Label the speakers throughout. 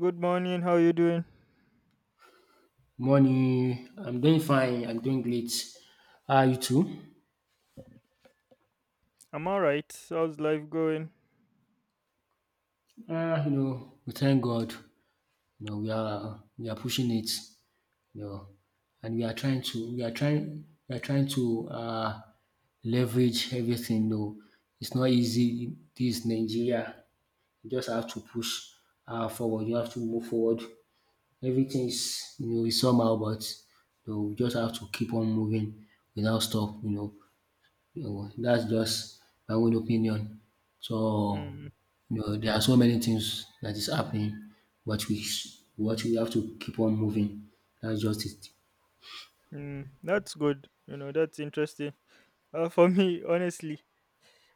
Speaker 1: Good morning. How you doing?
Speaker 2: Morning. I'm doing fine. I'm doing great. How are you too?
Speaker 1: I'm all right. How's life going?
Speaker 2: We thank God. We are pushing it. You know, and we are trying to we are trying to leverage everything. No, it's not easy. This is Nigeria. You just have to push forward. You have to move forward. Everything is is somehow, but we just have to keep on moving without stop. No, that's just my own opinion. So,
Speaker 1: Mm,
Speaker 2: there are so many things that is happening, but we what we have to keep on moving. That's just it.
Speaker 1: that's good. You know, that's interesting. For me, honestly,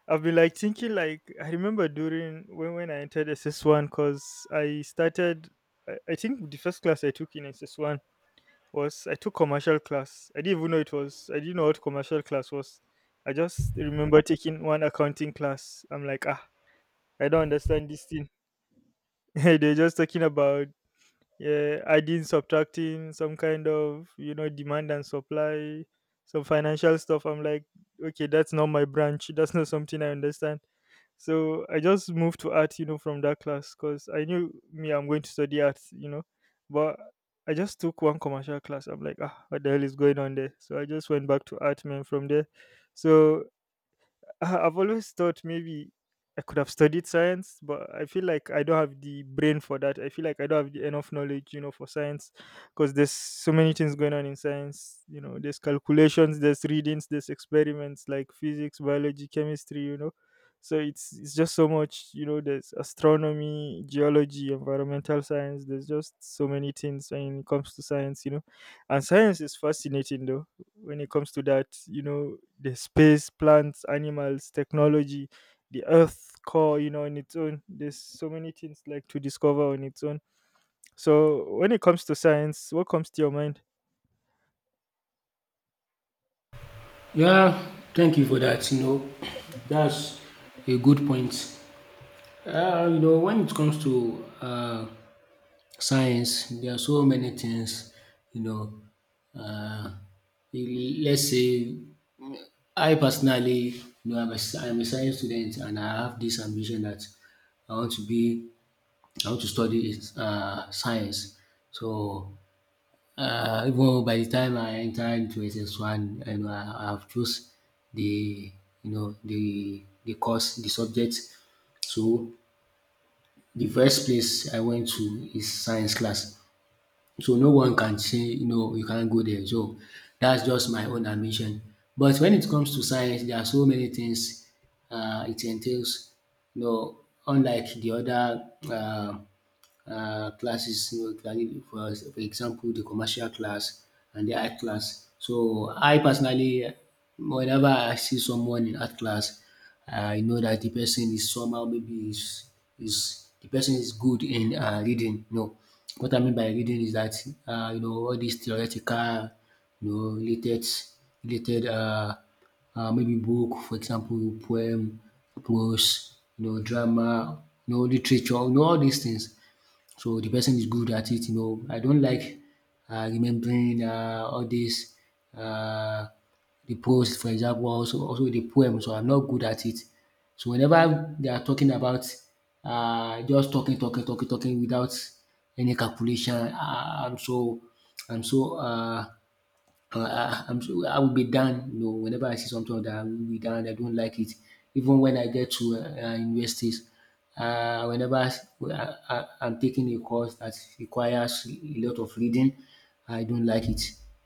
Speaker 1: I've been like thinking like I remember during when I entered SS1 because I started. I think the first class I took in SS1 was I took commercial class. I didn't even know it was. I didn't know what commercial class was. I just remember taking one accounting class. I'm like, ah, I don't understand this thing. They're just talking about yeah, adding, subtracting, some kind of you know demand and supply, some financial stuff. I'm like, okay, that's not my branch. That's not something I understand. So I just moved to art, you know, from that class because I knew me, I'm going to study art, you know, but I just took one commercial class. I'm like, ah, what the hell is going on there? So I just went back to art, man, from there. So I've always thought maybe I could have studied science, but I feel like I don't have the brain for that. I feel like I don't have the enough knowledge, you know, for science because there's so many things going on in science. You know, there's calculations, there's readings, there's experiments like physics, biology, chemistry, you know. So it's just so much, you know, there's astronomy, geology, environmental science, there's just so many things when it comes to science, you know. And science is fascinating though when it comes to that, you know, the space, plants, animals, technology, the earth core, you know, on its own, there's so many things like to discover on its own. So when it comes to science, what comes to your mind?
Speaker 2: Yeah, thank you for that. That's a good point. When it comes to science, there are so many things. You know, uh, let's say I personally, no, I'm a science student, and I have this ambition that I want to be, I want to study science. So even though by the time I enter into SS1, I know I have chose the, the course, the subject. So the first place I went to is science class. So no one can say you can't go there. So that's just my own admission. But when it comes to science, there are so many things it entails. You know, Unlike the other classes, clearly, for example, the commercial class and the art class. So I personally, whenever I see someone in art class, I know that the person is somehow, maybe is the person is good in reading. No, what I mean by reading is that all these theoretical, related related um maybe book, for example poem, prose, drama, literature, all these things. So the person is good at it. I don't like remembering all these uh, the post, for example, also the poem. So I'm not good at it. So whenever they are talking about, just talking, talking, talking, talking without any calculation, I'm so uh, I'm so, I will be done. You know, whenever I see something, that I will be done. I don't like it. Even when I get to universities, whenever I'm taking a course that requires a lot of reading, I don't like it.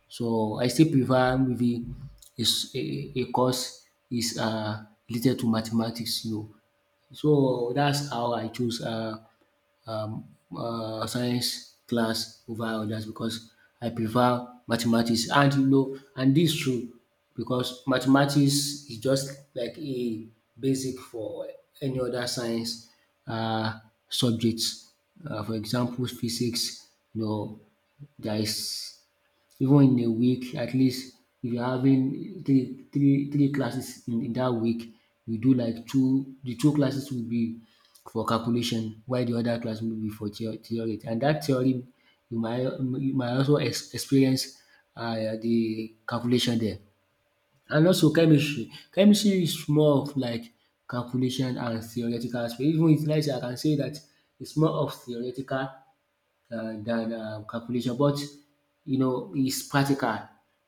Speaker 2: So I still prefer maybe a course is related to mathematics. So that's how I choose um, science class over others, because I prefer mathematics. And this is true, because mathematics is just like a basic for any other science uh, subjects. For example, physics, you know, there is, even in a week at least, if you're having three classes in that week, you do like two the two classes will be for calculation, while the other class will be for theory, and that theory you might, also experience the calculation there. And also chemistry is more of like calculation and theoretical aspect. Even if, let I can say that it's more of theoretical, than calculation. But it's practical.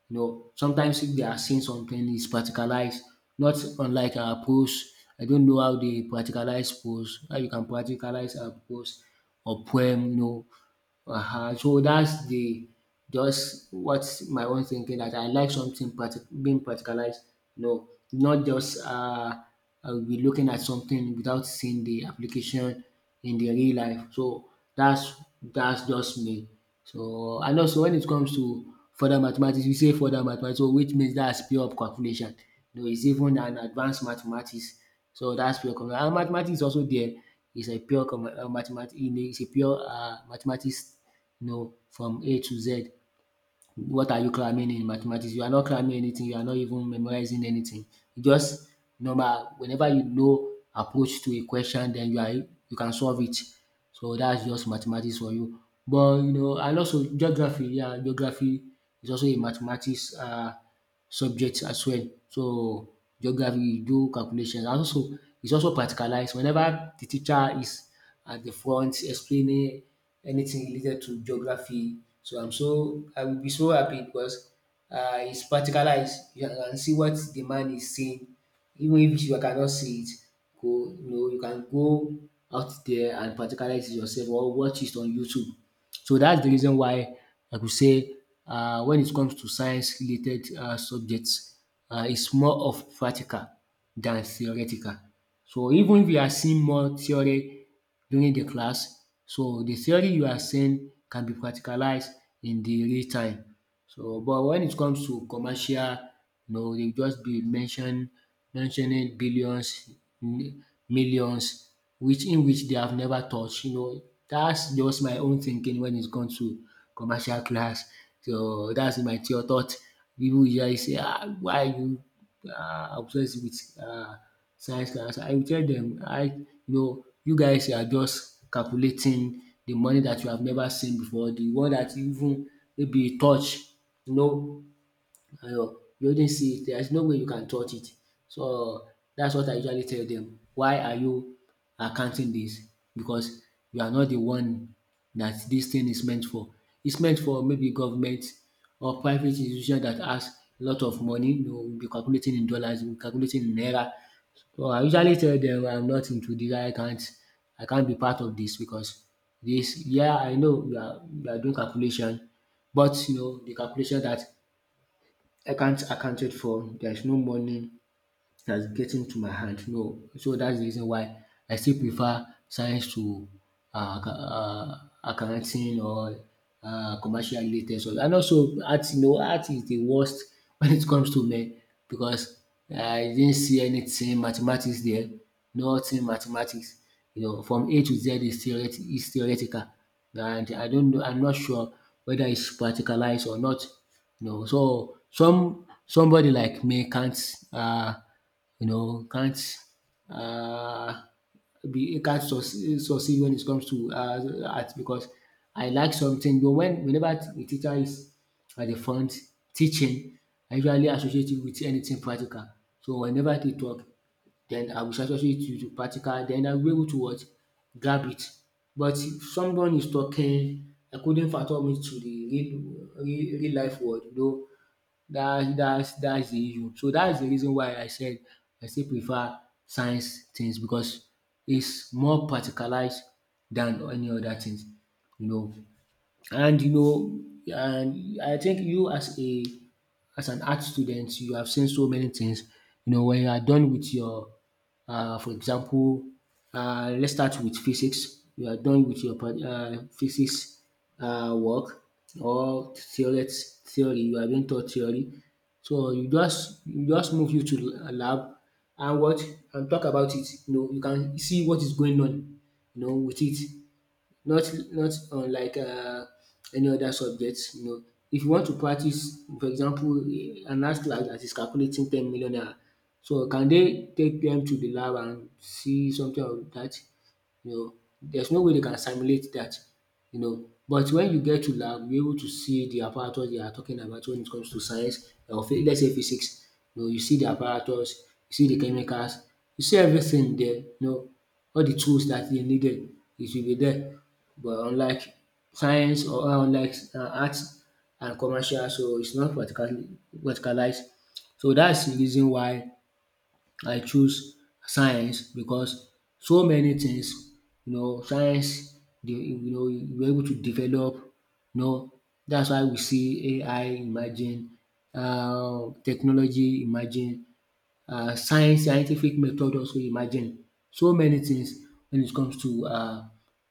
Speaker 2: Sometimes if they are seeing something, it's practicalized, not unlike our prose. I don't know how they practicalize prose, how you can practicalize a prose or poem. So that's the just what's my own thinking, that I like something, being practicalized. No, not just I'll be looking at something without seeing the application in the real life. So that's that's just me. So, and also when it comes to further mathematics, we say further mathematics, so which means that's pure calculation. No, it's even an advanced mathematics. So that's pure calculation. And mathematics is also there. It's a pure mathematics. It's a pure mathematics. No, from A to Z. What are you cramming in mathematics? You are not cramming anything, you are not even memorizing anything. You just, normal, whenever approach to a question, then you can solve it. So that's just mathematics for you. But you know, and also geography, yeah, geography is also a mathematics subject as well. So geography, you do calculations, and also it's also practicalized. Whenever the teacher is at the front explaining anything related to geography, so I will be so happy, because it's practicalized. You can see what the man is saying, even if you cannot see it. Go you know you can go out there and practicalize it yourself, or watch it on YouTube. So that's the reason why I could say, when it comes to science related subjects, it's more of practical than theoretical. So even if you are seeing more theory during the class, so the theory you are seeing can be practicalized in the real time. So, but when it comes to commercial, they just be mentioning billions, m- millions, which in which they have never touched. That's just my own thinking when it comes to commercial class. So that's my thought. People usually say, ah, why are you obsessed with science class? I will tell them, I you guys are just calculating the money that you have never seen before, the one that you even maybe touch, you know you not see it. There's no way you can touch it. So that's what I usually tell them. Why are you accounting this? Because you are not the one that this thing is meant for. It's meant for maybe government or private institution that has a lot of money. We'll be calculating in dollars, we'll be calculating in naira. So I usually tell them, I'm not into this. I can't be part of this, because this. Yeah, I know you are doing calculation, but the calculation that I can't account it for, there is no money that's getting to my hand. No, so that's the reason why I still prefer science to uh, acc- uh, accounting or commercial related. So, and also art, art is the worst when it comes to me, because I didn't see anything mathematics there, nothing mathematics. From A to Z is, is theoretical, and I don't know. I'm not sure whether it's practicalized or not. So somebody like me can't, can't, uh, be can't succeed when it comes to art, because I like something. But whenever the teacher is at the front teaching, I usually associate it with anything practical. So whenever they talk, then I will associate it with practical. Then I will be able to what grab it. But if someone is talking, I couldn't fathom it to the real, real, real life world, though that's the issue. So that's the reason why I said, I still prefer science things because it's more practicalized than any other things, you know. And I think you, as a as an art student, you have seen so many things. When you are done with your, for example, let's start with physics. You are done with your physics work or theory. Theory, you are being taught theory, so you just move you to a lab and what and talk about it. You can see what is going on. With it, not unlike any other subjects. If you want to practice, for example, an astronaut that is calculating 10 million naira, so can they take them to the lab and see something of that? You know, there's no way they can simulate that. But when you get to lab, you're able to see the apparatus they are talking about, when it comes to science, or let's say physics. You see the apparatus, you see the chemicals, you see everything there. All the tools that they needed, it will be there. But unlike science, or unlike arts and commercial, so it's not particularly verticalized. So that's the reason why I choose science because so many things, you know, science dey, you know, you were able to develop, you know. That's why we see AI imagine, technology imagine, science scientific method also imagine. So many things when it comes to um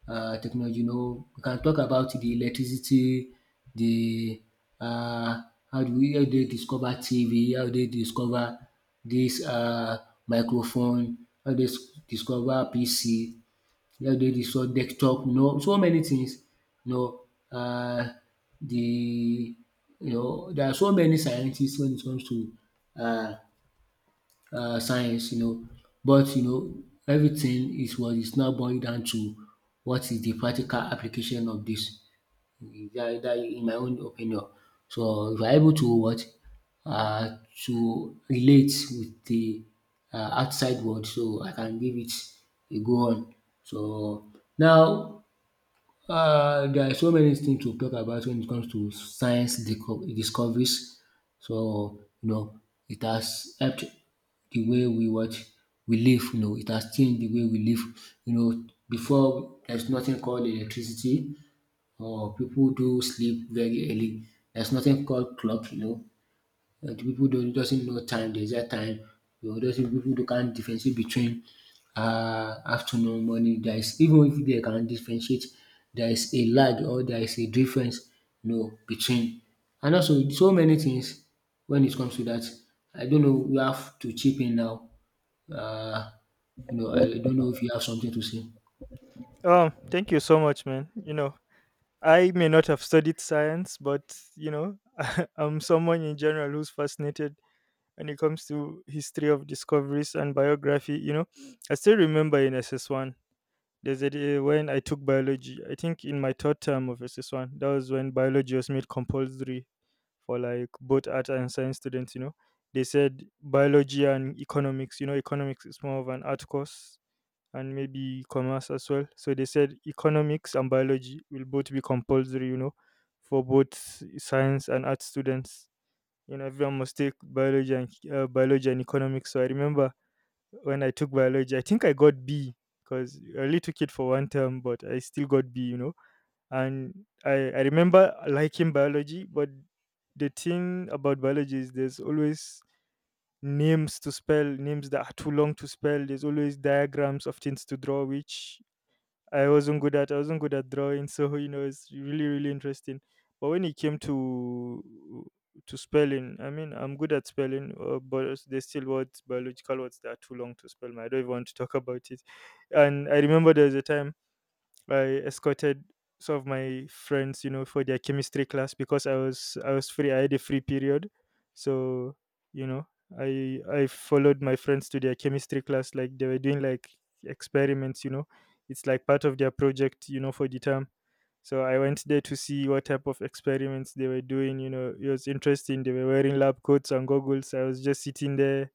Speaker 2: um technology. You know, we can talk about the electricity, the, um how do we how they discover TV, how do they discover this, microphone, how do they s- discover PC, how do they discover desktop, you know, so many things, you know, um the, you know, there are so many scientists when it comes to um science, you know. But you know, everything is what is now boiled down to what is the practical application of this. That, in my own opinion. So if you're able to what, uh, to relate with the, outside world, so I can give it a go on. So now, there are so many things to talk about when it comes to discoveries. So, you know, it has helped the way we watch, we live, you know, it has changed the way we live. You know, before there's nothing called electricity, or people do sleep very early. There's nothing called clock, you know. The people don't doesn't know time. There's that time. You doesn't people don't can't differentiate between afternoon, morning. There is even if they can differentiate, there is a lag or there is a difference, you know, between. And also so many things when it comes to that. I don't know, we have to chip in now. Um you know, I don't know if you have something to say.
Speaker 1: Thank you so much, man. You know, I may not have studied science, but you know, I'm someone in general who's fascinated when it comes to history of discoveries and biography. You know, I still remember in SS1, there's a day when I took biology. I think in my third term of SS1, that was when biology was made compulsory for like both art and science students. You know, they said biology and economics. You know, economics is more of an art course and maybe commerce as well. So they said economics and biology will both be compulsory. You know, for both science and art students, you know, everyone must take biology and biology and economics. So I remember when I took biology, I think I got B because I only took it for one term, but I still got B. You know, and I remember liking biology, but the thing about biology is there's always names to spell, names that are too long to spell. There's always diagrams of things to draw, which I wasn't good at drawing, so you know it's really, really interesting. But when it came to spelling, I mean I'm good at spelling, but there's still words, biological words that are too long to spell. Man. I don't even want to talk about it. And I remember there was a time I escorted some of my friends, you know, for their chemistry class because I was free. I had a free period, so you know, I followed my friends to their chemistry class. Like they were doing like experiments, you know, it's like part of their project, you know, for the term. So I went there to see what type of experiments they were doing. You know, it was interesting. They were wearing lab coats and goggles. I was just sitting there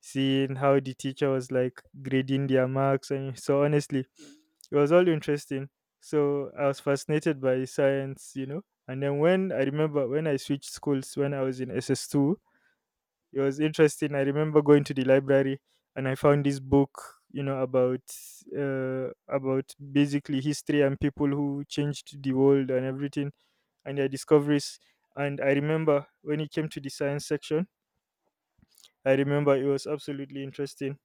Speaker 1: seeing how the teacher was like grading their marks. And so, honestly, it was all interesting. So, I was fascinated by science, you know. And then, when I remember when I switched schools when I was in SS2, it was interesting. I remember going to the library and I found this book, you know, about basically history and people who changed the world and everything and their discoveries. And I remember when it came to the science section, I remember it was absolutely interesting.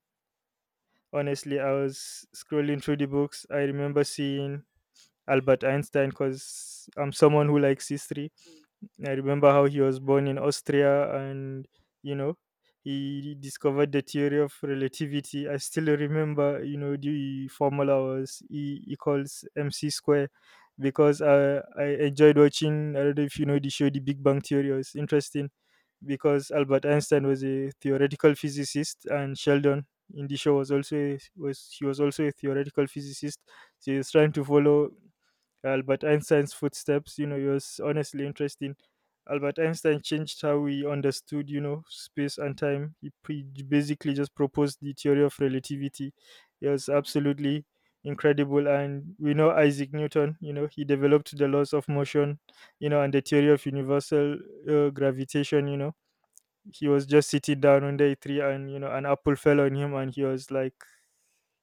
Speaker 1: Honestly, I was scrolling through the books. I remember seeing Albert Einstein because I'm someone who likes history. I remember how he was born in Austria and, you know, he discovered the theory of relativity. I still remember, you know, the formula was E equals MC square because I enjoyed watching, I don't know if you know the show, The Big Bang Theory. It was interesting because Albert Einstein was a theoretical physicist and Sheldon in the show was also a, was he was also a theoretical physicist, so he was trying to follow Albert Einstein's footsteps. You know, it was honestly interesting. Albert Einstein changed how we understood, you know, space and time. He basically just proposed the theory of relativity. It was absolutely incredible. And we know Isaac Newton, you know, he developed the laws of motion, you know, and the theory of universal gravitation, you know. He was just sitting down under a tree and, you know, an apple fell on him and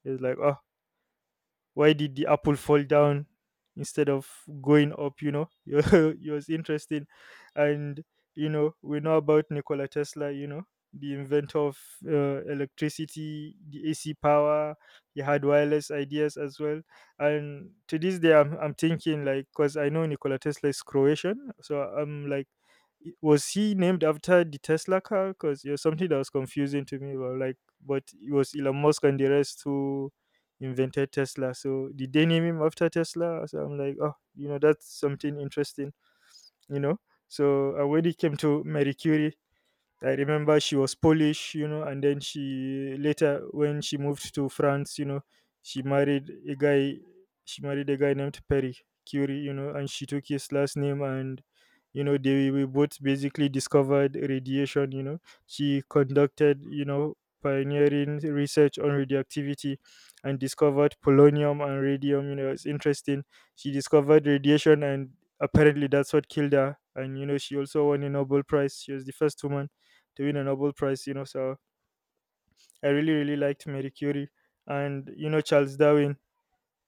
Speaker 1: he was like, oh, why did the apple fall down instead of going up, you know? It was interesting. And you know, we know about Nikola Tesla, you know, the inventor of electricity, the AC power. He had wireless ideas as well. And to this day I'm thinking like, because I know Nikola Tesla is Croatian, so I'm like, was he named after the Tesla car? Because it was something that was confusing to me, but but it was Elon Musk and the rest who invented Tesla. So did they name him after Tesla? So I'm like, oh, you know, that's something interesting, you know. So I already came to Marie Curie. I remember she was Polish, you know, and then she later, when she moved to France, you know, she married a guy she married a guy named Perry Curie, you know, and she took his last name. And you know, they we both basically discovered radiation, you know. She conducted, you know, pioneering research on radioactivity and discovered polonium and radium, you know, it's interesting. She discovered radiation and apparently that's what killed her. And you know, she also won a Nobel Prize. She was the first woman to win a Nobel Prize, you know. So I really, really liked Marie Curie and, you know, Charles Darwin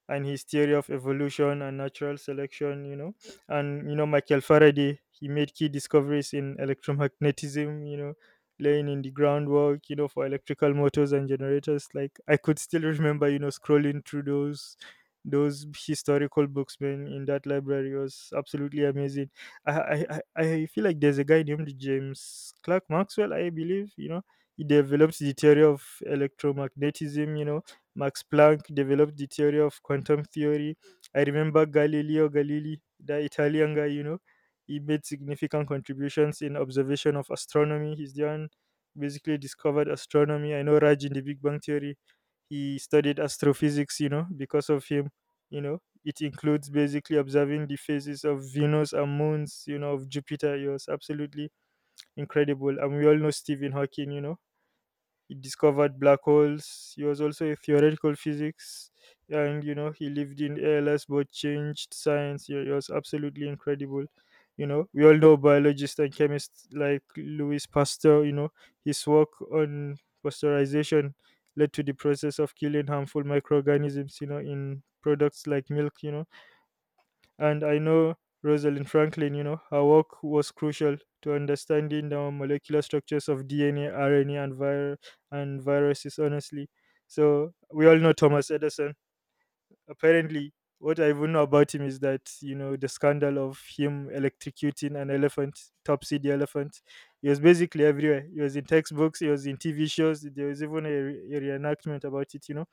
Speaker 1: and his theory of evolution and natural selection, you know. And you know, Michael Faraday, he made key discoveries in electromagnetism, you know, laying in the groundwork, you know, for electrical motors and generators. Like I could still remember, you know, scrolling through those historical books, man, in that library. It was absolutely amazing. I feel like there's a guy named James Clerk Maxwell, I believe, you know, he developed the theory of electromagnetism, you know. Max Planck developed the theory of quantum theory. I remember Galileo Galilei, the Italian guy, you know, he made significant contributions in observation of astronomy. He's the one basically discovered astronomy. I know Raj in the Big Bang Theory, he studied astrophysics, you know, because of him, you know. It includes basically observing the phases of Venus and moons, you know, of Jupiter. It was absolutely incredible. And we all know Stephen Hawking, you know, he discovered black holes. He was also a theoretical physics and you know he lived in ALS but changed science, yeah, it was absolutely incredible. You know, we all know biologists and chemists like Louis Pasteur, you know, his work on pasteurization led to the process of killing harmful microorganisms, you know, in products like milk, you know. And I know Rosalind Franklin, you know, her work was crucial to understanding the molecular structures of DNA, RNA, and and viruses, honestly. So we all know Thomas Edison. Apparently, what I even know about him is that, you know, the scandal of him electrocuting an elephant, Topsy the elephant. He was basically everywhere. He was in textbooks, he was in TV shows. There was even a reenactment about it, you know.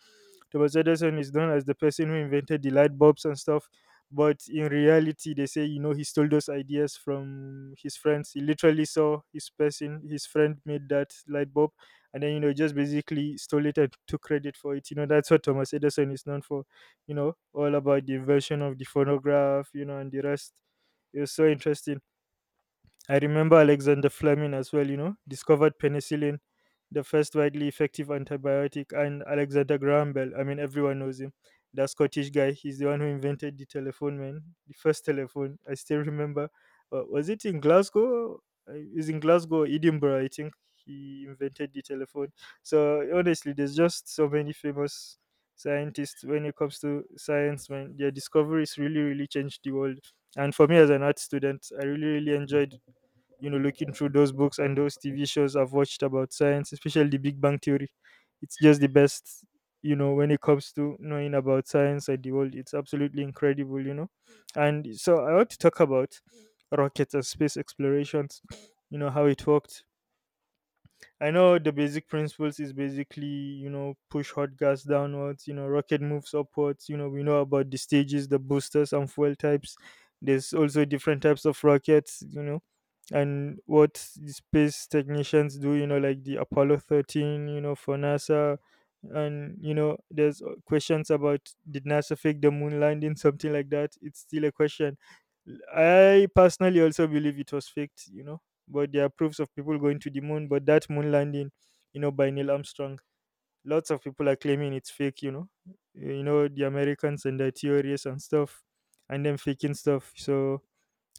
Speaker 1: Thomas Edison is known as the person who invented the light bulbs and stuff. But in reality, they say, you know, he stole those ideas from his friends. He literally saw his person, his friend made that light bulb, and then, you know, just basically stole it and took credit for it. You know, that's what Thomas Edison is known for, you know, all about the invention of the phonograph, you know, and the rest. It was so interesting. I remember Alexander Fleming as well, you know, discovered penicillin, the first widely effective antibiotic, and Alexander Graham Bell. I mean, everyone knows him. That Scottish guy. He's the one who invented the telephone, man. The first telephone. I still remember. Was it in Glasgow? It was in Glasgow, or Edinburgh, I think. He invented the telephone. So honestly, there's just so many famous scientists when it comes to science, man. Their discoveries really, really changed the world, and for me as an art student, I really really enjoyed, you know, looking through those books and those TV shows I've watched about science, especially The Big Bang Theory. It's just the best, you know, when it comes to knowing about science and the world. It's absolutely incredible, you know. And so I want to talk about rockets and space explorations, you know, how it worked. I know the basic principles is basically, you know, push hot gas downwards, you know, rocket moves upwards. You know, we know about the stages, the boosters, and fuel types. There's also different types of rockets, you know, and what the space technicians do, you know, like the Apollo 13, you know, for NASA. And, you know, there's questions about did NASA fake the moon landing, something like that. It's still a question. I personally also believe it was faked, you know, but there are proofs of people going to the moon. But that moon landing, you know, by Neil Armstrong, lots of people are claiming it's fake, you know, the Americans and their theories and stuff, and them faking stuff. So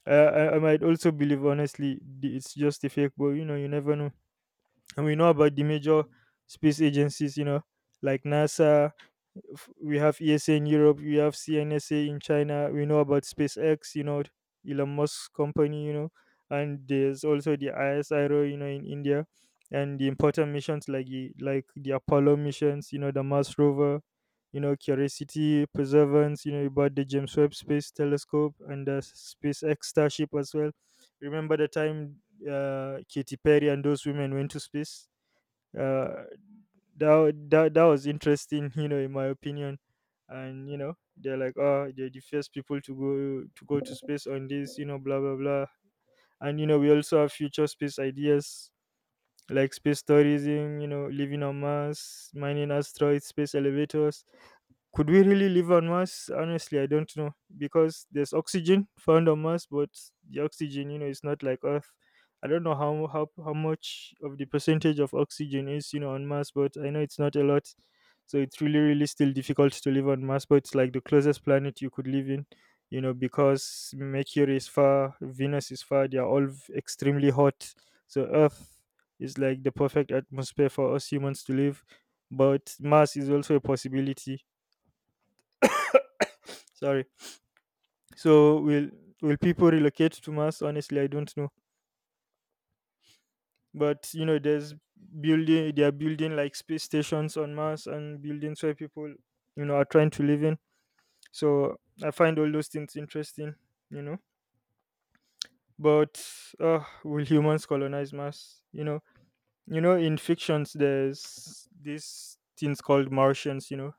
Speaker 1: I might also believe, honestly, it's just a fake, but you know, you never know. And we know about the major space agencies, you know, like NASA, we have ESA in Europe, we have CNSA in China, we know about SpaceX, you know, Elon Musk's company, you know, and there's also the ISRO, you know, in India, and the important missions like the Apollo missions, you know, the Mars rover, you know, Curiosity, Perseverance, you know, about the James Webb Space Telescope and the SpaceX Starship as well. Remember the time Katy Perry and those women went to space? uh that, wa- that that was interesting, you know, in my opinion. And you know, they're like, oh, they're the first people to go to space on this, you know, blah blah blah. And you know, we also have future space ideas, like space tourism, you know, living on Mars, mining asteroids, space elevators. Could we really live on Mars? Honestly, I don't know, because there's oxygen found on Mars, but the oxygen, you know, is not like Earth. I don't know how much of the percentage of oxygen is, you know, on Mars, but I know it's not a lot. So it's really, really still difficult to live on Mars, but it's like the closest planet you could live in, you know, because Mercury is far, Venus is far, they are all extremely hot. So Earth is like the perfect atmosphere for us humans to live. But Mars is also a possibility. Sorry. So will people relocate to Mars? Honestly, I don't know. But you know, there's building, they are building like space stations on Mars and buildings where people, you know, are trying to live in. So I find all those things interesting, you know. But will humans colonize Mars, you know? You know, in fictions there's these things called Martians, you know,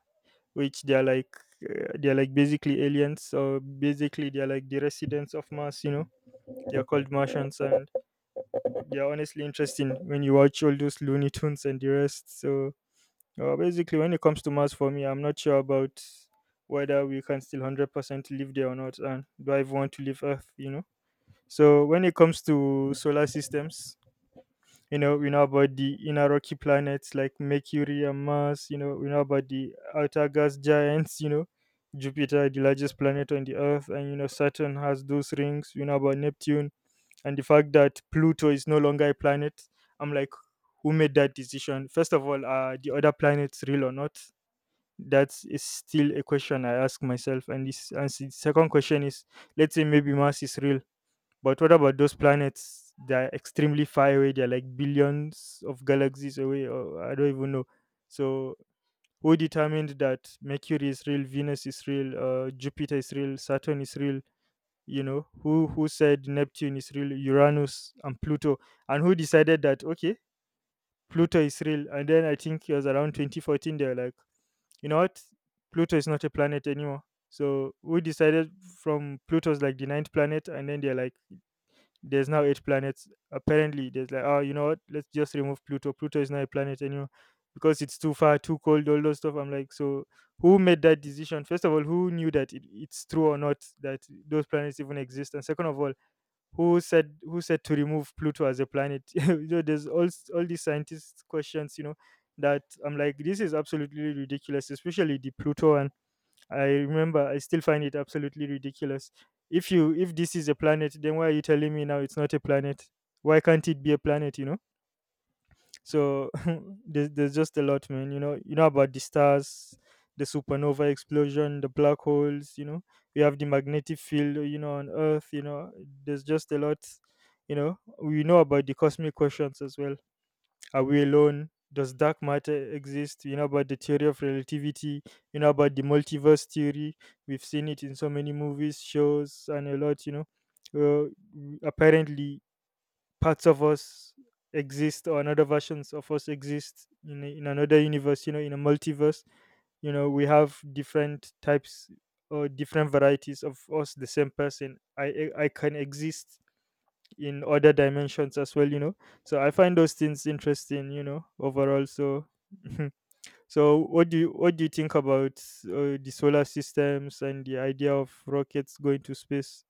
Speaker 1: which they are like basically aliens, or basically they are like the residents of Mars, you know. They are called Martians. And yeah, honestly interesting when you watch all those Looney Tunes and the rest. So basically when it comes to Mars, for me, I'm not sure about whether we can still 100% live there or not, and do I even want to leave Earth, you know? So when it comes to solar systems, you know, we know about the inner rocky planets like Mercury and Mars, you know, we know about the outer gas giants, you know, Jupiter, the largest planet on the earth, and you know Saturn has those rings, we know about Neptune, and the fact that Pluto is no longer a planet, I'm like, who made that decision? First of all, are the other planets real or not? That is still a question I ask myself. And this, and the second question is, let's say maybe Mars is real, but what about those planets that are extremely far away? They're like billions of galaxies away. Or I don't even know. So who determined that Mercury is real, Venus is real, Jupiter is real, Saturn is real, you know, who said Neptune is real, Uranus and Pluto, and who decided that, okay, Pluto is real, and then I think it was around 2014 they were like, you know what, Pluto is not a planet anymore. So we decided, from Pluto's like the ninth planet, and then they're like, there's now eight planets, apparently. There's like, oh, you know what, let's just remove Pluto, Pluto is not a planet anymore, because it's too far, too cold, all those stuff. I'm like, so who made that decision? First of all, who knew that it's true or not that those planets even exist? And second of all, who said to remove Pluto as a planet? You know, there's all these scientists questions, you know, that I'm like, this is absolutely ridiculous, especially the Pluto one. I remember, I still find it absolutely ridiculous. If this is a planet, then why are you telling me now it's not a planet? Why can't it be a planet, you know? So there's just a lot, man. You know about the stars, the supernova explosion, the black holes. You know, we have the magnetic field, you know, on Earth. You know, there's just a lot. You know, we know about the cosmic questions as well. Are we alone? Does dark matter exist? You know about the theory of relativity. You know about the multiverse theory. We've seen it in so many movies, shows, and a lot. You know, uh, apparently parts of us exist, or another versions of us exist in, in another universe, you know, in a multiverse. You know, we have different types or different varieties of us, the same person. I can exist in other dimensions as well, you know. So I find those things interesting, you know, overall. So so what do you think about the solar systems and the idea of rockets going to space?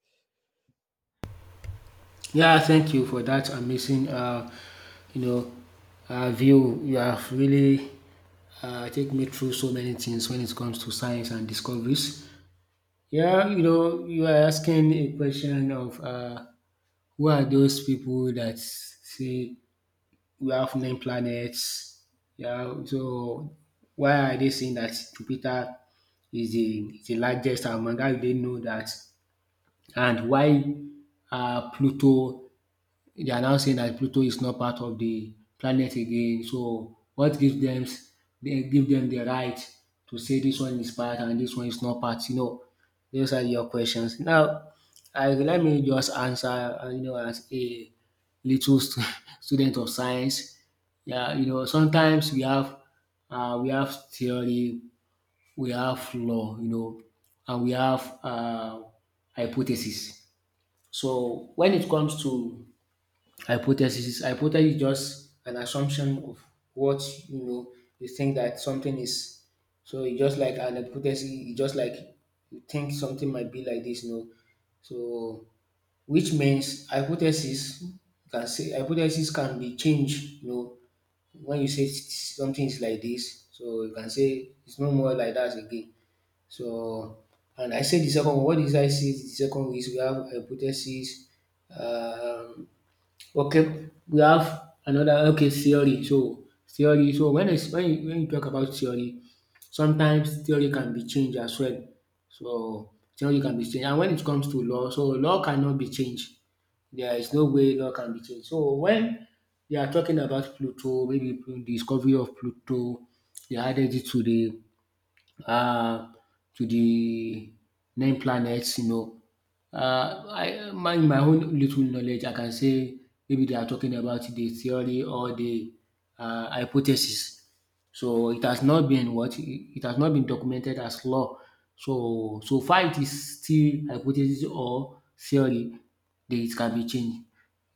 Speaker 2: Yeah, thank you for that amazing, you know, view. You have really taken me through so many things when it comes to science and discoveries. Yeah, you know, you are asking a question of, who are those people that say we have nine planets? Yeah, so why are they saying that Jupiter is the largest among? How do they know that? And why, Pluto, they are now saying that Pluto is not part of the planet again. So what gives them, they give them the right to say this one is part and this one is not part? You know, those are your questions. Now, I let me just answer. You know, as a little stu- student of science, yeah, you know, sometimes we have, we have theory, we have law, you know, and we have, hypothesis. So when it comes to hypothesis is just an assumption of what, you know, you think that something is. So it's just like an hypothesis, it's just like you think something might be like this, you know. So which means hypothesis can say hypothesis can be changed, you know. When you say something is like this, so you can say it's no more like that again. So, and I said the second one, what did I say the second is we have hypothesis, um okay, we have another okay theory. So theory. So when it's when you talk about theory, sometimes theory can be changed as well. So theory can be changed, and when it comes to law, so law cannot be changed. There is no way law can be changed. So when they are talking about Pluto, maybe the discovery of Pluto, they added it to the, uh, to the nine planets, you know. I my in my own little knowledge, I can say maybe they are talking about the theory or the, hypothesis. So it has not been what it has not been documented as law. So so far it is still hypothesis or theory that it can be changed.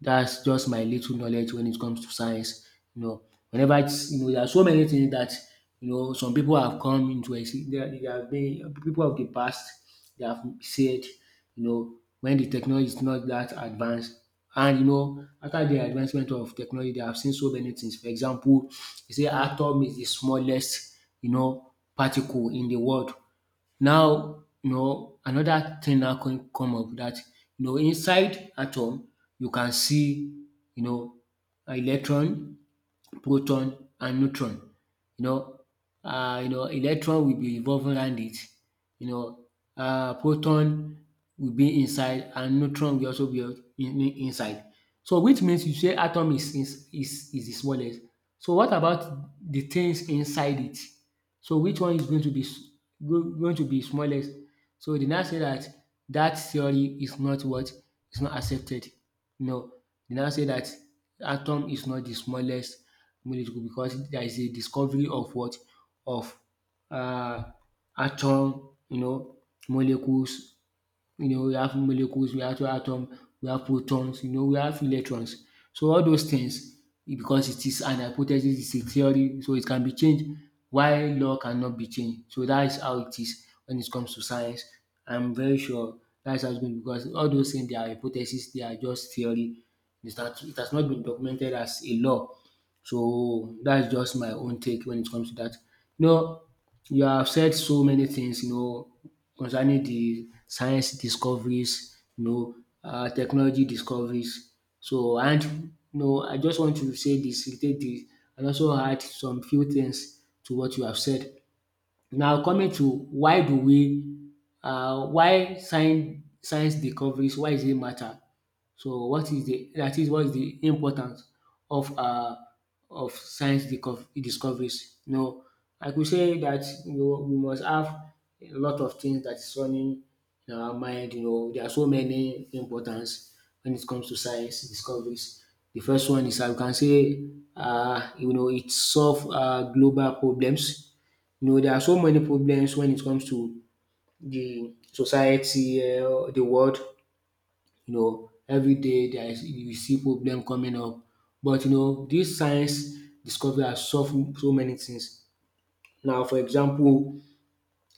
Speaker 2: That's just my little knowledge when it comes to science. You know, whenever it's, you know, there are so many things that you know some people have come into there, there have been people of the past. They have said, you know, when the technology is not that advanced, and you know, after the advancement of technology, they have seen so many things. For example, they say atom is the smallest, you know, particle in the world. Now, you know, another thing now can come up that, you know, inside atom, you can see, you know, electron, proton, and neutron. You know, you know, electron will be revolving around it. You know, proton will be inside, and neutron will also be inside. So, which means you say atom is the smallest. So, what about the things inside it? So which one is going to be going to be smallest? So they now say that that theory is not what is not accepted. No, they now say that atom is not the smallest molecule because there is a discovery of what of, uh, atom, you know, molecules, you know, we have molecules, we have atoms, we have protons, you know, we have electrons. So all those things, it- because it is an hypothesis, it's a theory, so it can be changed. Why law cannot be changed? So that is how it is when it comes to science. I'm very sure that's how it's going because all those things, they are hypotheses, they are just theory. It's not, it has not been documented as a law. So that's just my own take when it comes to that. You know, you have said so many things, you know, concerning the science discoveries, you know, technology discoveries. So and you know, I just want to say this, take this, and also add some few things to what you have said. Now coming to why do we, why science discoveries why is it matter? So what is the that is what is the importance of uh of science discoveries? You know, I could say that you know we must have a lot of things that is running in our mind. You know, there are so many importance when it comes to science discoveries. The first one is I can say, you know, it solve global problems. You know, there are so many problems when it comes to the society, the world. You know, every day there is you see problem coming up. But you know, this science discovery has solved so many things. Now, for example,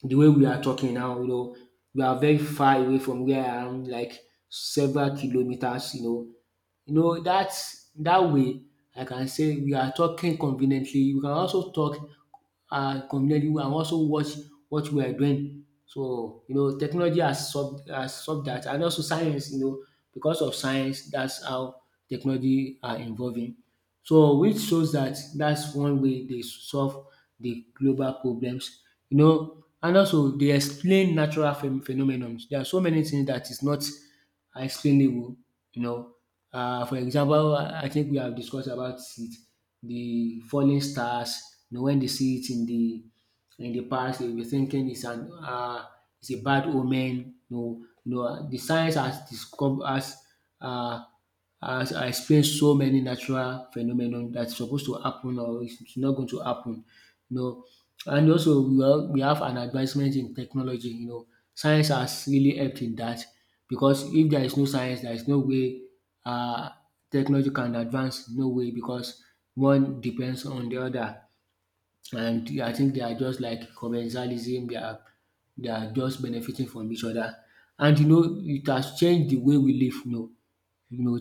Speaker 2: the way we are talking now, you know, we are very far away from where I am, like several kilometers. You know that that way I can say we are talking conveniently. We can also talk, communally who can also watch what we are doing. So you know technology has solved that, and also science, you know, because of science that's how technology are involving. So which shows that that's one way they solve the global problems. You know, and also they explain natural phenomenons. There are so many things that is not explainable, you know. For example, I think we have discussed about it, the falling stars, you know, when they see it in the past, if you're thinking it's an, it's a bad omen, no, no, the science has um has explained so many natural phenomenon that's supposed to happen or it's not going to happen, you know. And also we have an advancement in technology, you know. Science has really helped in that because if there is no science, there is no way, um technology can advance, no way because one depends on the other. And I think they are just like commercialism. They are just benefiting from each other, and you know it has changed the way we live. You know,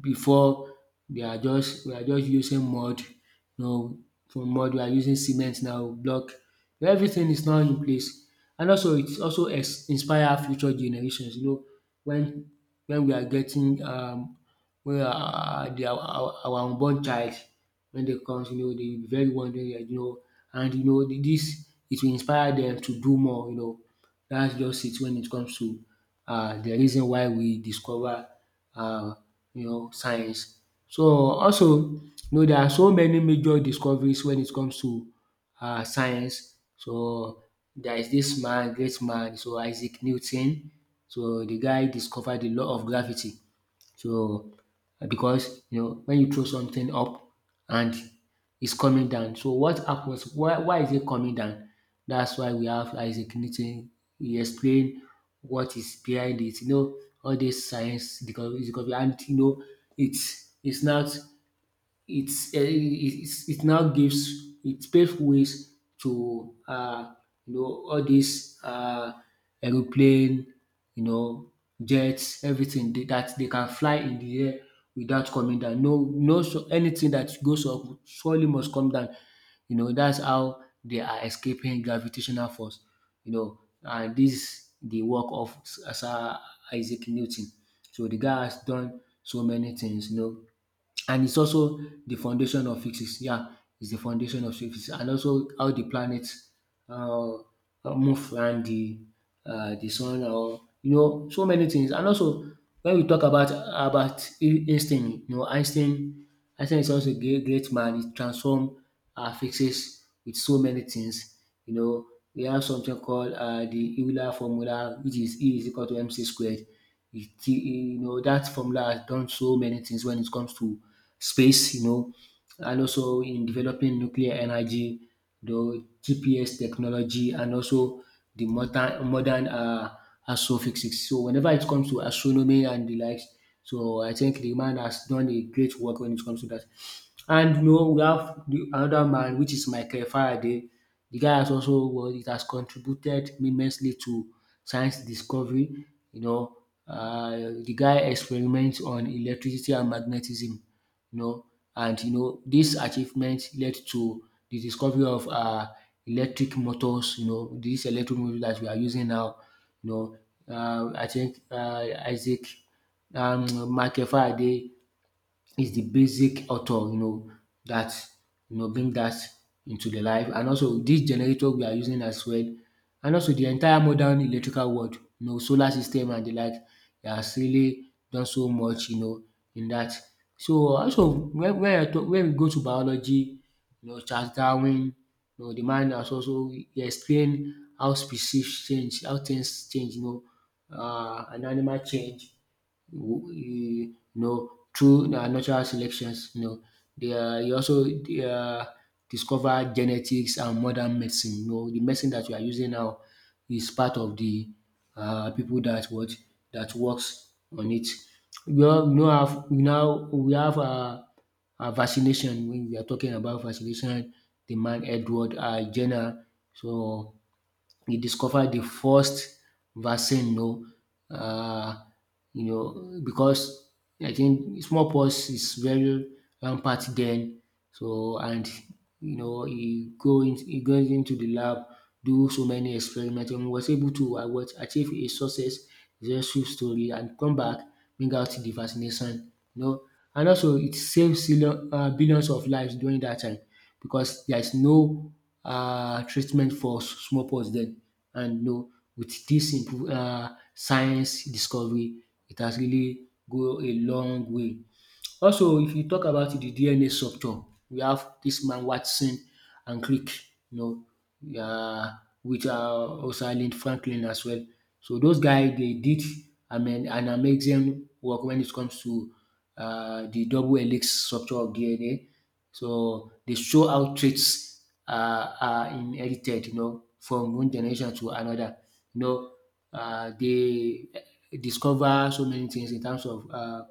Speaker 2: before they are just we are just using mud, you know, from mud we are using cement now, block. Everything is now in place. And also inspire future generations, you know, when we are getting, when our unborn child when they comes, you know, they will be very wondering, like, you know, and you know, this it will inspire them to do more, you know. That's just it when it comes to, the reason why we discover, uh, you know, science. So also you know there are so many major discoveries when it comes to, science. So there is this man, great man, so Isaac Newton. So the guy discovered the law of gravity. So, because you know when you throw something up and it's coming down, so what happens? Why is it coming down? That's why we have Isaac Newton. He explained what is behind it. You know all this science because and you know it's not it's, it's it now gives it paves ways to, you know, all these, aeroplane, you know, jets, everything that they can fly in the air without coming down. No, no, so anything that goes up surely must come down. You know that's how they are escaping gravitational force. You know, and this is the work of Sir Isaac Newton. So the guy has done so many things. You know, and it's also the foundation of physics. Yeah, it's the foundation of physics, and also how the planets move around the sun, or you know, so many things. And also, when we talk about Einstein, you know, Einstein is also a great, great man. He transformed physics with so many things. You know, we have something called the Euler formula, which is E is equal to mc squared. You know, that formula has done so many things when it comes to space, you know, and also in developing nuclear energy, the GPS technology, and also the modern astrophysics. So whenever it comes to astronomy and the likes, so I think the man has done a great work when it comes to that. And you know, we have the another man which is Michael Faraday. The guy has also well, it has contributed immensely to science discovery, you know, uh, the guy experiments on electricity and magnetism, you know, and you know this achievement led to the discovery of electric motors, you know, these electric motors that we are using now, you know. I think Isaac Michael Faraday is the basic author, you know, that you know bring that into the life. And also this generator we are using as well, and also the entire modern electrical world, you know, solar system and the like, they has really done so much, you know, in that. So also when I talk when we go to biology, you know, Charles Darwin, you know, the man has also he explained how species change, how things change, you know, and animal change you know, through natural selections, you know, you also they are discover genetics and modern medicine. You know, the medicine that we are using now is part of the people that what that works on it. We all know have we now we have vaccination when we are talking about vaccination the man Edward Jenner so he discovered the first vaccine. You know, because I think smallpox is very rampant then so and you know he go in he goes into the lab do so many experiments and was able to what achieve a success successful story and come back bring out the vaccination, you know, and also it saved billions of lives during that time because there is no treatment for smallpox then. And no, with this improve science discovery, it has really go a long way. Also, if you talk about the DNA structure, we have this man Watson and Crick, you know, uh, which are also Rosalind Franklin as well. So those guys they did an amazing work when it comes to the double helix structure of DNA, so they show how traits are inherited, you know, from one generation to another. You know, they discover so many things in terms of uh,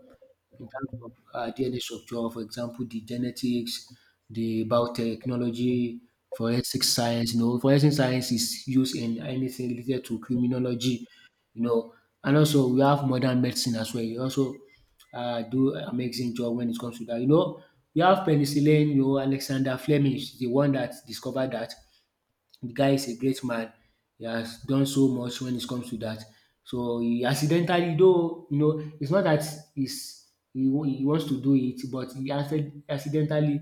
Speaker 2: in terms of uh, DNA structure, for example, the genetics, the biotechnology, forensic science. You know, forensic science is used in anything related to criminology. You know, and also we have modern medicine as well. You also do amazing job when it comes to that. You know, we have penicillin. You know, Alexander Fleming is the one that discovered that. The guy is a great man. He has done so much when it comes to that. So he accidentally, though, you know, it's not that he's, he wants to do it, but he accidentally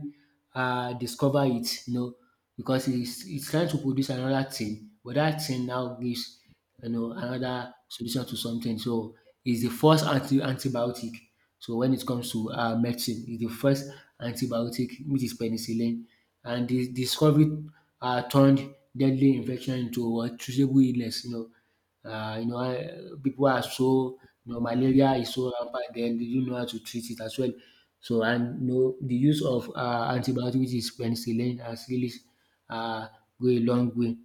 Speaker 2: discover it, you know, because he's trying to produce another thing, but that thing now gives you know another solution to something. So it's the first antibiotic. So when it comes to medicine, it's the first antibiotic, which is penicillin, and the discovery turned deadly infection into a treatable illness. You know, people are so, you know, malaria is so rampant, then they don't know how to treat it as well. So, and you know, the use of antibiotics, which is penicillin, has really uh, go a long way.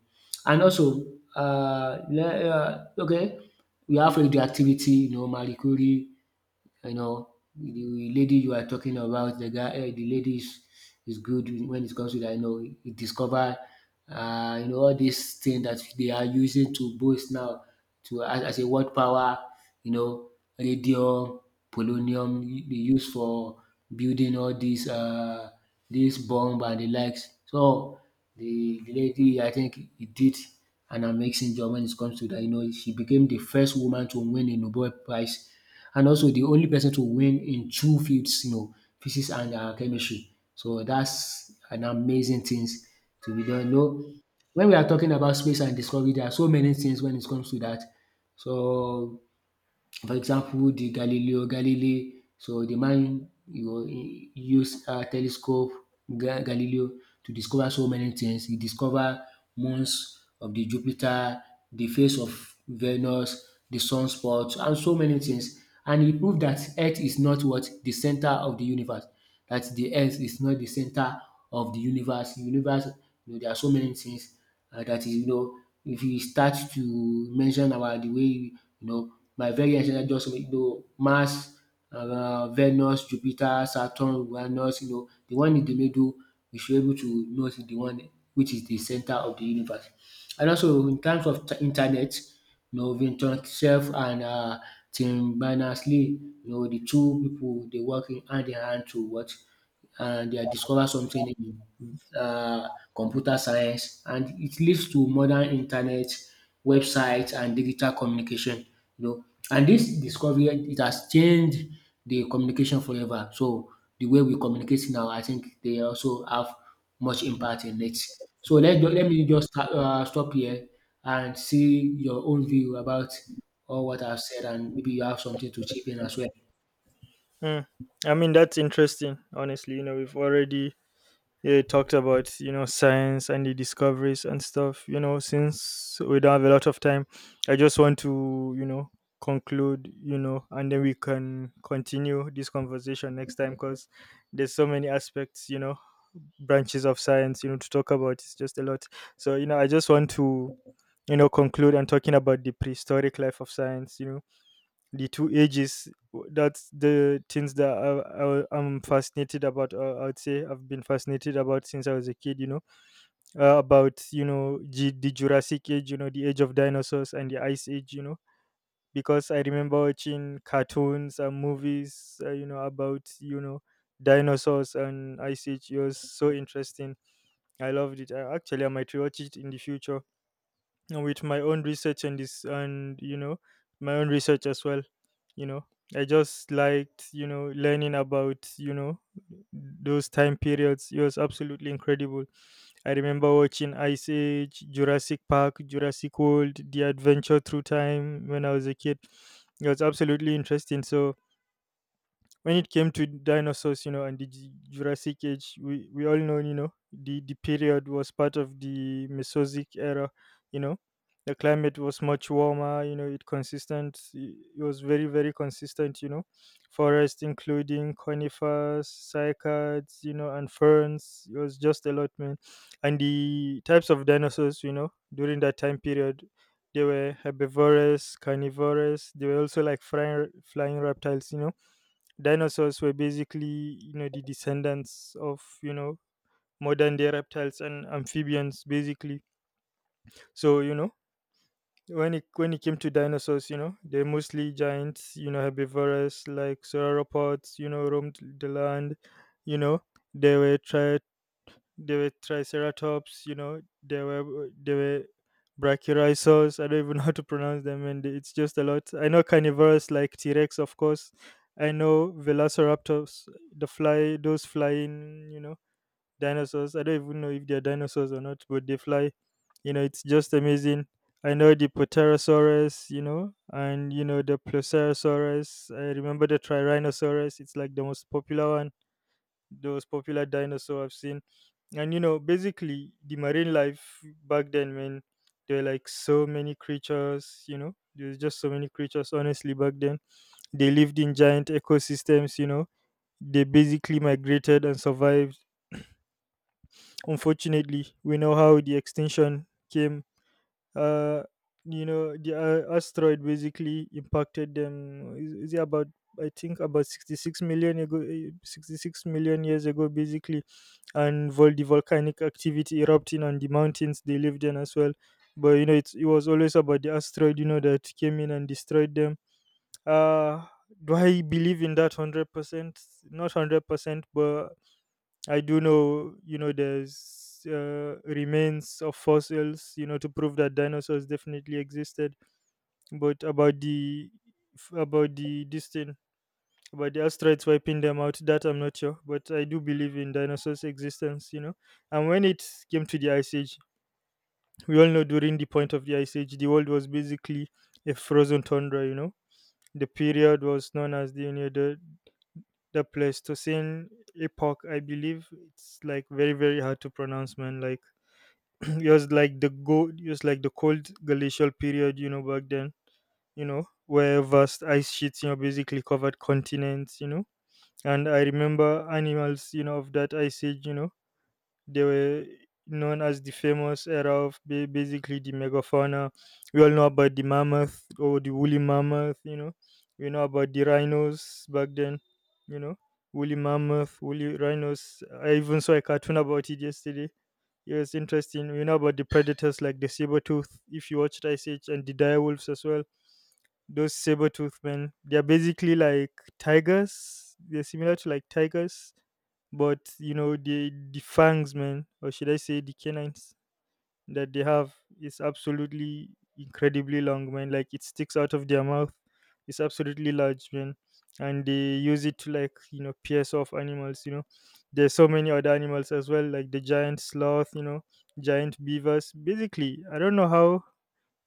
Speaker 2: And also okay, we have radioactivity, you know, Marie Curie, you know, the lady you are talking about, the lady is good when it comes to that. You know, he discover you know all these things that they are using to boost now to as a world power, you know, radium, polonium, they use for building all these this bomb and the likes. So the lady I think he did an amazing job when it comes to that. You know, she became the first woman to win a Nobel Prize, and also the only person to win in two fields, you know, physics and chemistry. So that's an amazing things to be done. No, when we are talking about space and discovery, there are so many things when it comes to that. So for example, the Galileo Galilei, so the man you know he use telescope Ga Galileo to discover so many things. He discover moons of the Jupiter, the face of Venus, the sunspots, and so many things. And he proved that earth is not what? The center of the universe. That the earth is not the center of the universe. Universe, you know there are so many things, and that is, you know, if you start to mention our the way you know my very ancestor, just you know, Mars, Venus, Jupiter, Saturn, Uranus, you know the one in the middle we should be able to know is the one which is the center of the universe. And also in terms of internet, you know, Vinton Cerf and Tim Berners-Lee, you know the two people they working hand in hand to what, and they had discovered something in computer science, and it leads to modern internet, websites, and digital communication. You know, and this discovery it has changed the communication forever. So the way we communicate now, I think they also have much impact in it. So let me just stop here and see your own view about all what I've said, and maybe you have something to chip in as well.
Speaker 1: Hmm. I mean, that's interesting. Honestly, you know, we've already, yeah, it talked about, you know, science and the discoveries and stuff. You know, since we don't have a lot of time, I just want to, you know, conclude. You know, and then we can continue this conversation next time, because there's so many aspects. You know, branches of science. You know, to talk about, it's just a lot. So you know, I just want to, you know, conclude, and talking about the prehistoric life of science. You know, the two ages, that's the things that I'm fascinated about, I would say I've been fascinated about since I was a kid, you know, about, you know, the Jurassic Age, you know, the age of dinosaurs, and the Ice Age, you know, because I remember watching cartoons and movies, you know, about, you know, dinosaurs and Ice Age. It was so interesting. I loved it. Actually, I might rewatch it in the future, and with my own research, and this, and you know, my own research as well, you know, I just liked, you know, learning about, you know, those time periods. It was absolutely incredible. I remember watching Ice Age, Jurassic Park, Jurassic World, The Adventure Through Time when I was a kid. It was absolutely interesting. So when it came to dinosaurs, you know, and the Jurassic Age, we all know, you know, the period was part of the Mesozoic Era, you know. The climate was much warmer, you know, it consistent, it was very, very consistent, you know. Forest, including conifers, cycads, you know, and ferns, it was just a lot, man. And the types of dinosaurs, you know, during that time period, they were herbivorous, carnivorous, they were also like flying reptiles, you know, dinosaurs were basically, you know, the descendants of, you know, modern day reptiles and amphibians, basically. So you know, when it came to dinosaurs, you know, they're mostly giants, you know, herbivorous like sauropods, you know, roamed the land, you know. they were tri- they were triceratops, you know. They were brachiosaurs. I don't even know how to pronounce them, and it's just a lot. I know carnivores like T Rex, of course. I know velociraptors, the fly, those flying, you know, dinosaurs. I don't even know if they're dinosaurs or not, but they fly. You know, it's just amazing. I know the Poterosaurus, you know, and you know the Plesiosaurus. I remember the Tyrannosaurus. It's like the most popular one, those popular dinosaur I've seen. And you know, basically the marine life back then, man, there were like so many creatures, you know. There's just so many creatures honestly back then. They lived in giant ecosystems, you know. They basically migrated and survived. Unfortunately, we know how the extinction came. Uh the asteroid basically impacted them. Is it about I think about 66 million ago, eh, 66 million years ago, basically, and the volcanic activity erupting on the mountains they lived in as well. But you know, it was always about the asteroid, you know, that came in and destroyed them. Uh, do I believe in that 100%? Not 100%, but I do know, you know, there's remains of fossils, you know, to prove that dinosaurs definitely existed. But about the distance about the asteroids wiping them out. That I'm not sure, but I do believe in dinosaurs' existence, you know. And when it came to the ice age, we all know during the point of the ice age, the world was basically a frozen tundra, you know. The period was known as the you know, the Pleistocene epoch, I believe. It's like very very hard to pronounce, man. Like it was like the cold glacial period, you know, back then. You know, where vast ice sheets, you know, basically covered continents, you know, and I remember animals, you know, of that ice age, you know, they were known as the famous era of basically the megafauna. We all know about the mammoth or the woolly mammoth, you know. We know about the rhinos back then, you know, woolly mammoth, woolly rhinos. I even saw a cartoon about it yesterday. It was interesting. We know about the predators like the saber tooth, if you watched Ice Age, and the dire wolves as well, those saber tooth men. They're basically like tigers. They're similar to like tigers, but you know the fangs, man, or should I say the canines that they have is absolutely incredibly long, man. Like it sticks out of their mouth. It's absolutely large, man, and they use it to like you know pierce off animals. You know, there's so many other animals as well, like the giant sloth. You know, giant beavers. Basically, I don't know how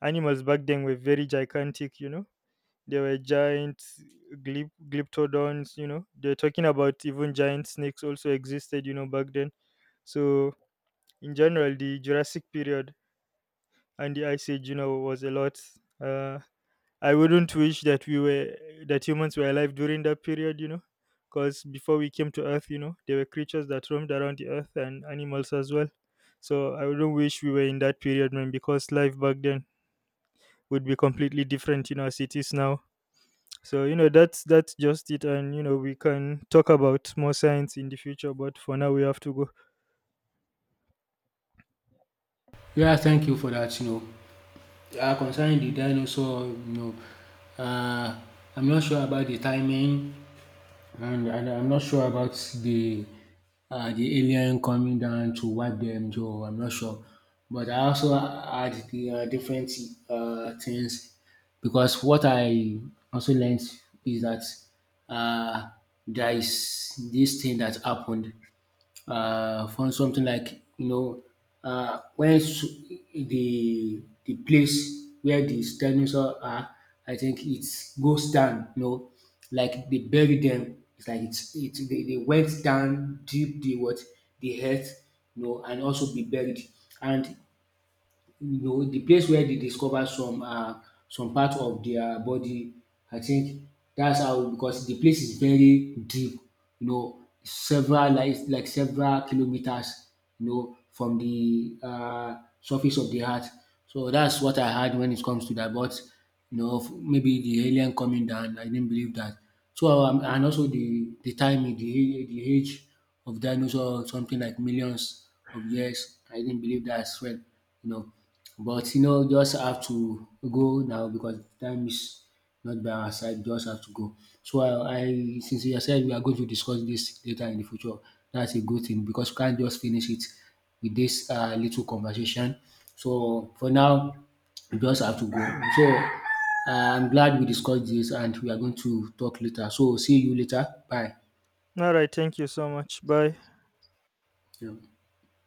Speaker 1: animals back then were very gigantic. You know, there were giant glyptodons, you know. They're talking about even giant snakes also existed, you know, back then. So in general, the Jurassic period and the Ice Age, you know, was a lot. Uh, I wouldn't wish that we were that humans were alive during that period, you know, because before we came to Earth, you know, there were creatures that roamed around the Earth and animals as well. So I wouldn't wish we were in that period, man, because life back then would be completely different, you know, as it is now. So you know that's just it, and you know we can talk about more science in the future. But for now, we have to go.
Speaker 2: Yeah, thank you for that. You know, concerning the dinosaur, you know, uh, I'm not sure about the timing, and I'm not sure about the the alien coming down to wipe them. So I'm not sure, but I also had the different things because what I also learned is that uh, there is this thing that happened from something like you know the place where the dinosaur are, I think it goes down. You know, like they bury them. It's like it's it they went down deep the what the earth, you know, and also be buried. And you know, the place where they discover some part of their body. I think that's how, because the place is very deep, you know, several like several kilometers, you know, from the surface of the earth. So that's what I heard when it comes to that. But you know, maybe the alien coming down, I didn't believe that. So and also the time, the age of dinosaur, something like millions of years. I didn't believe that as well, you know. But you know, just have to go now because time is not by our side. Just have to go. So I since you said we are going to discuss this later in the future, that's a good thing because we can't just finish it with this little conversation. So for now, we just have to go. So I'm glad we discussed this, and we are going to talk later. So see you later. Bye.
Speaker 1: All right, thank you so much. Bye.
Speaker 2: Yeah.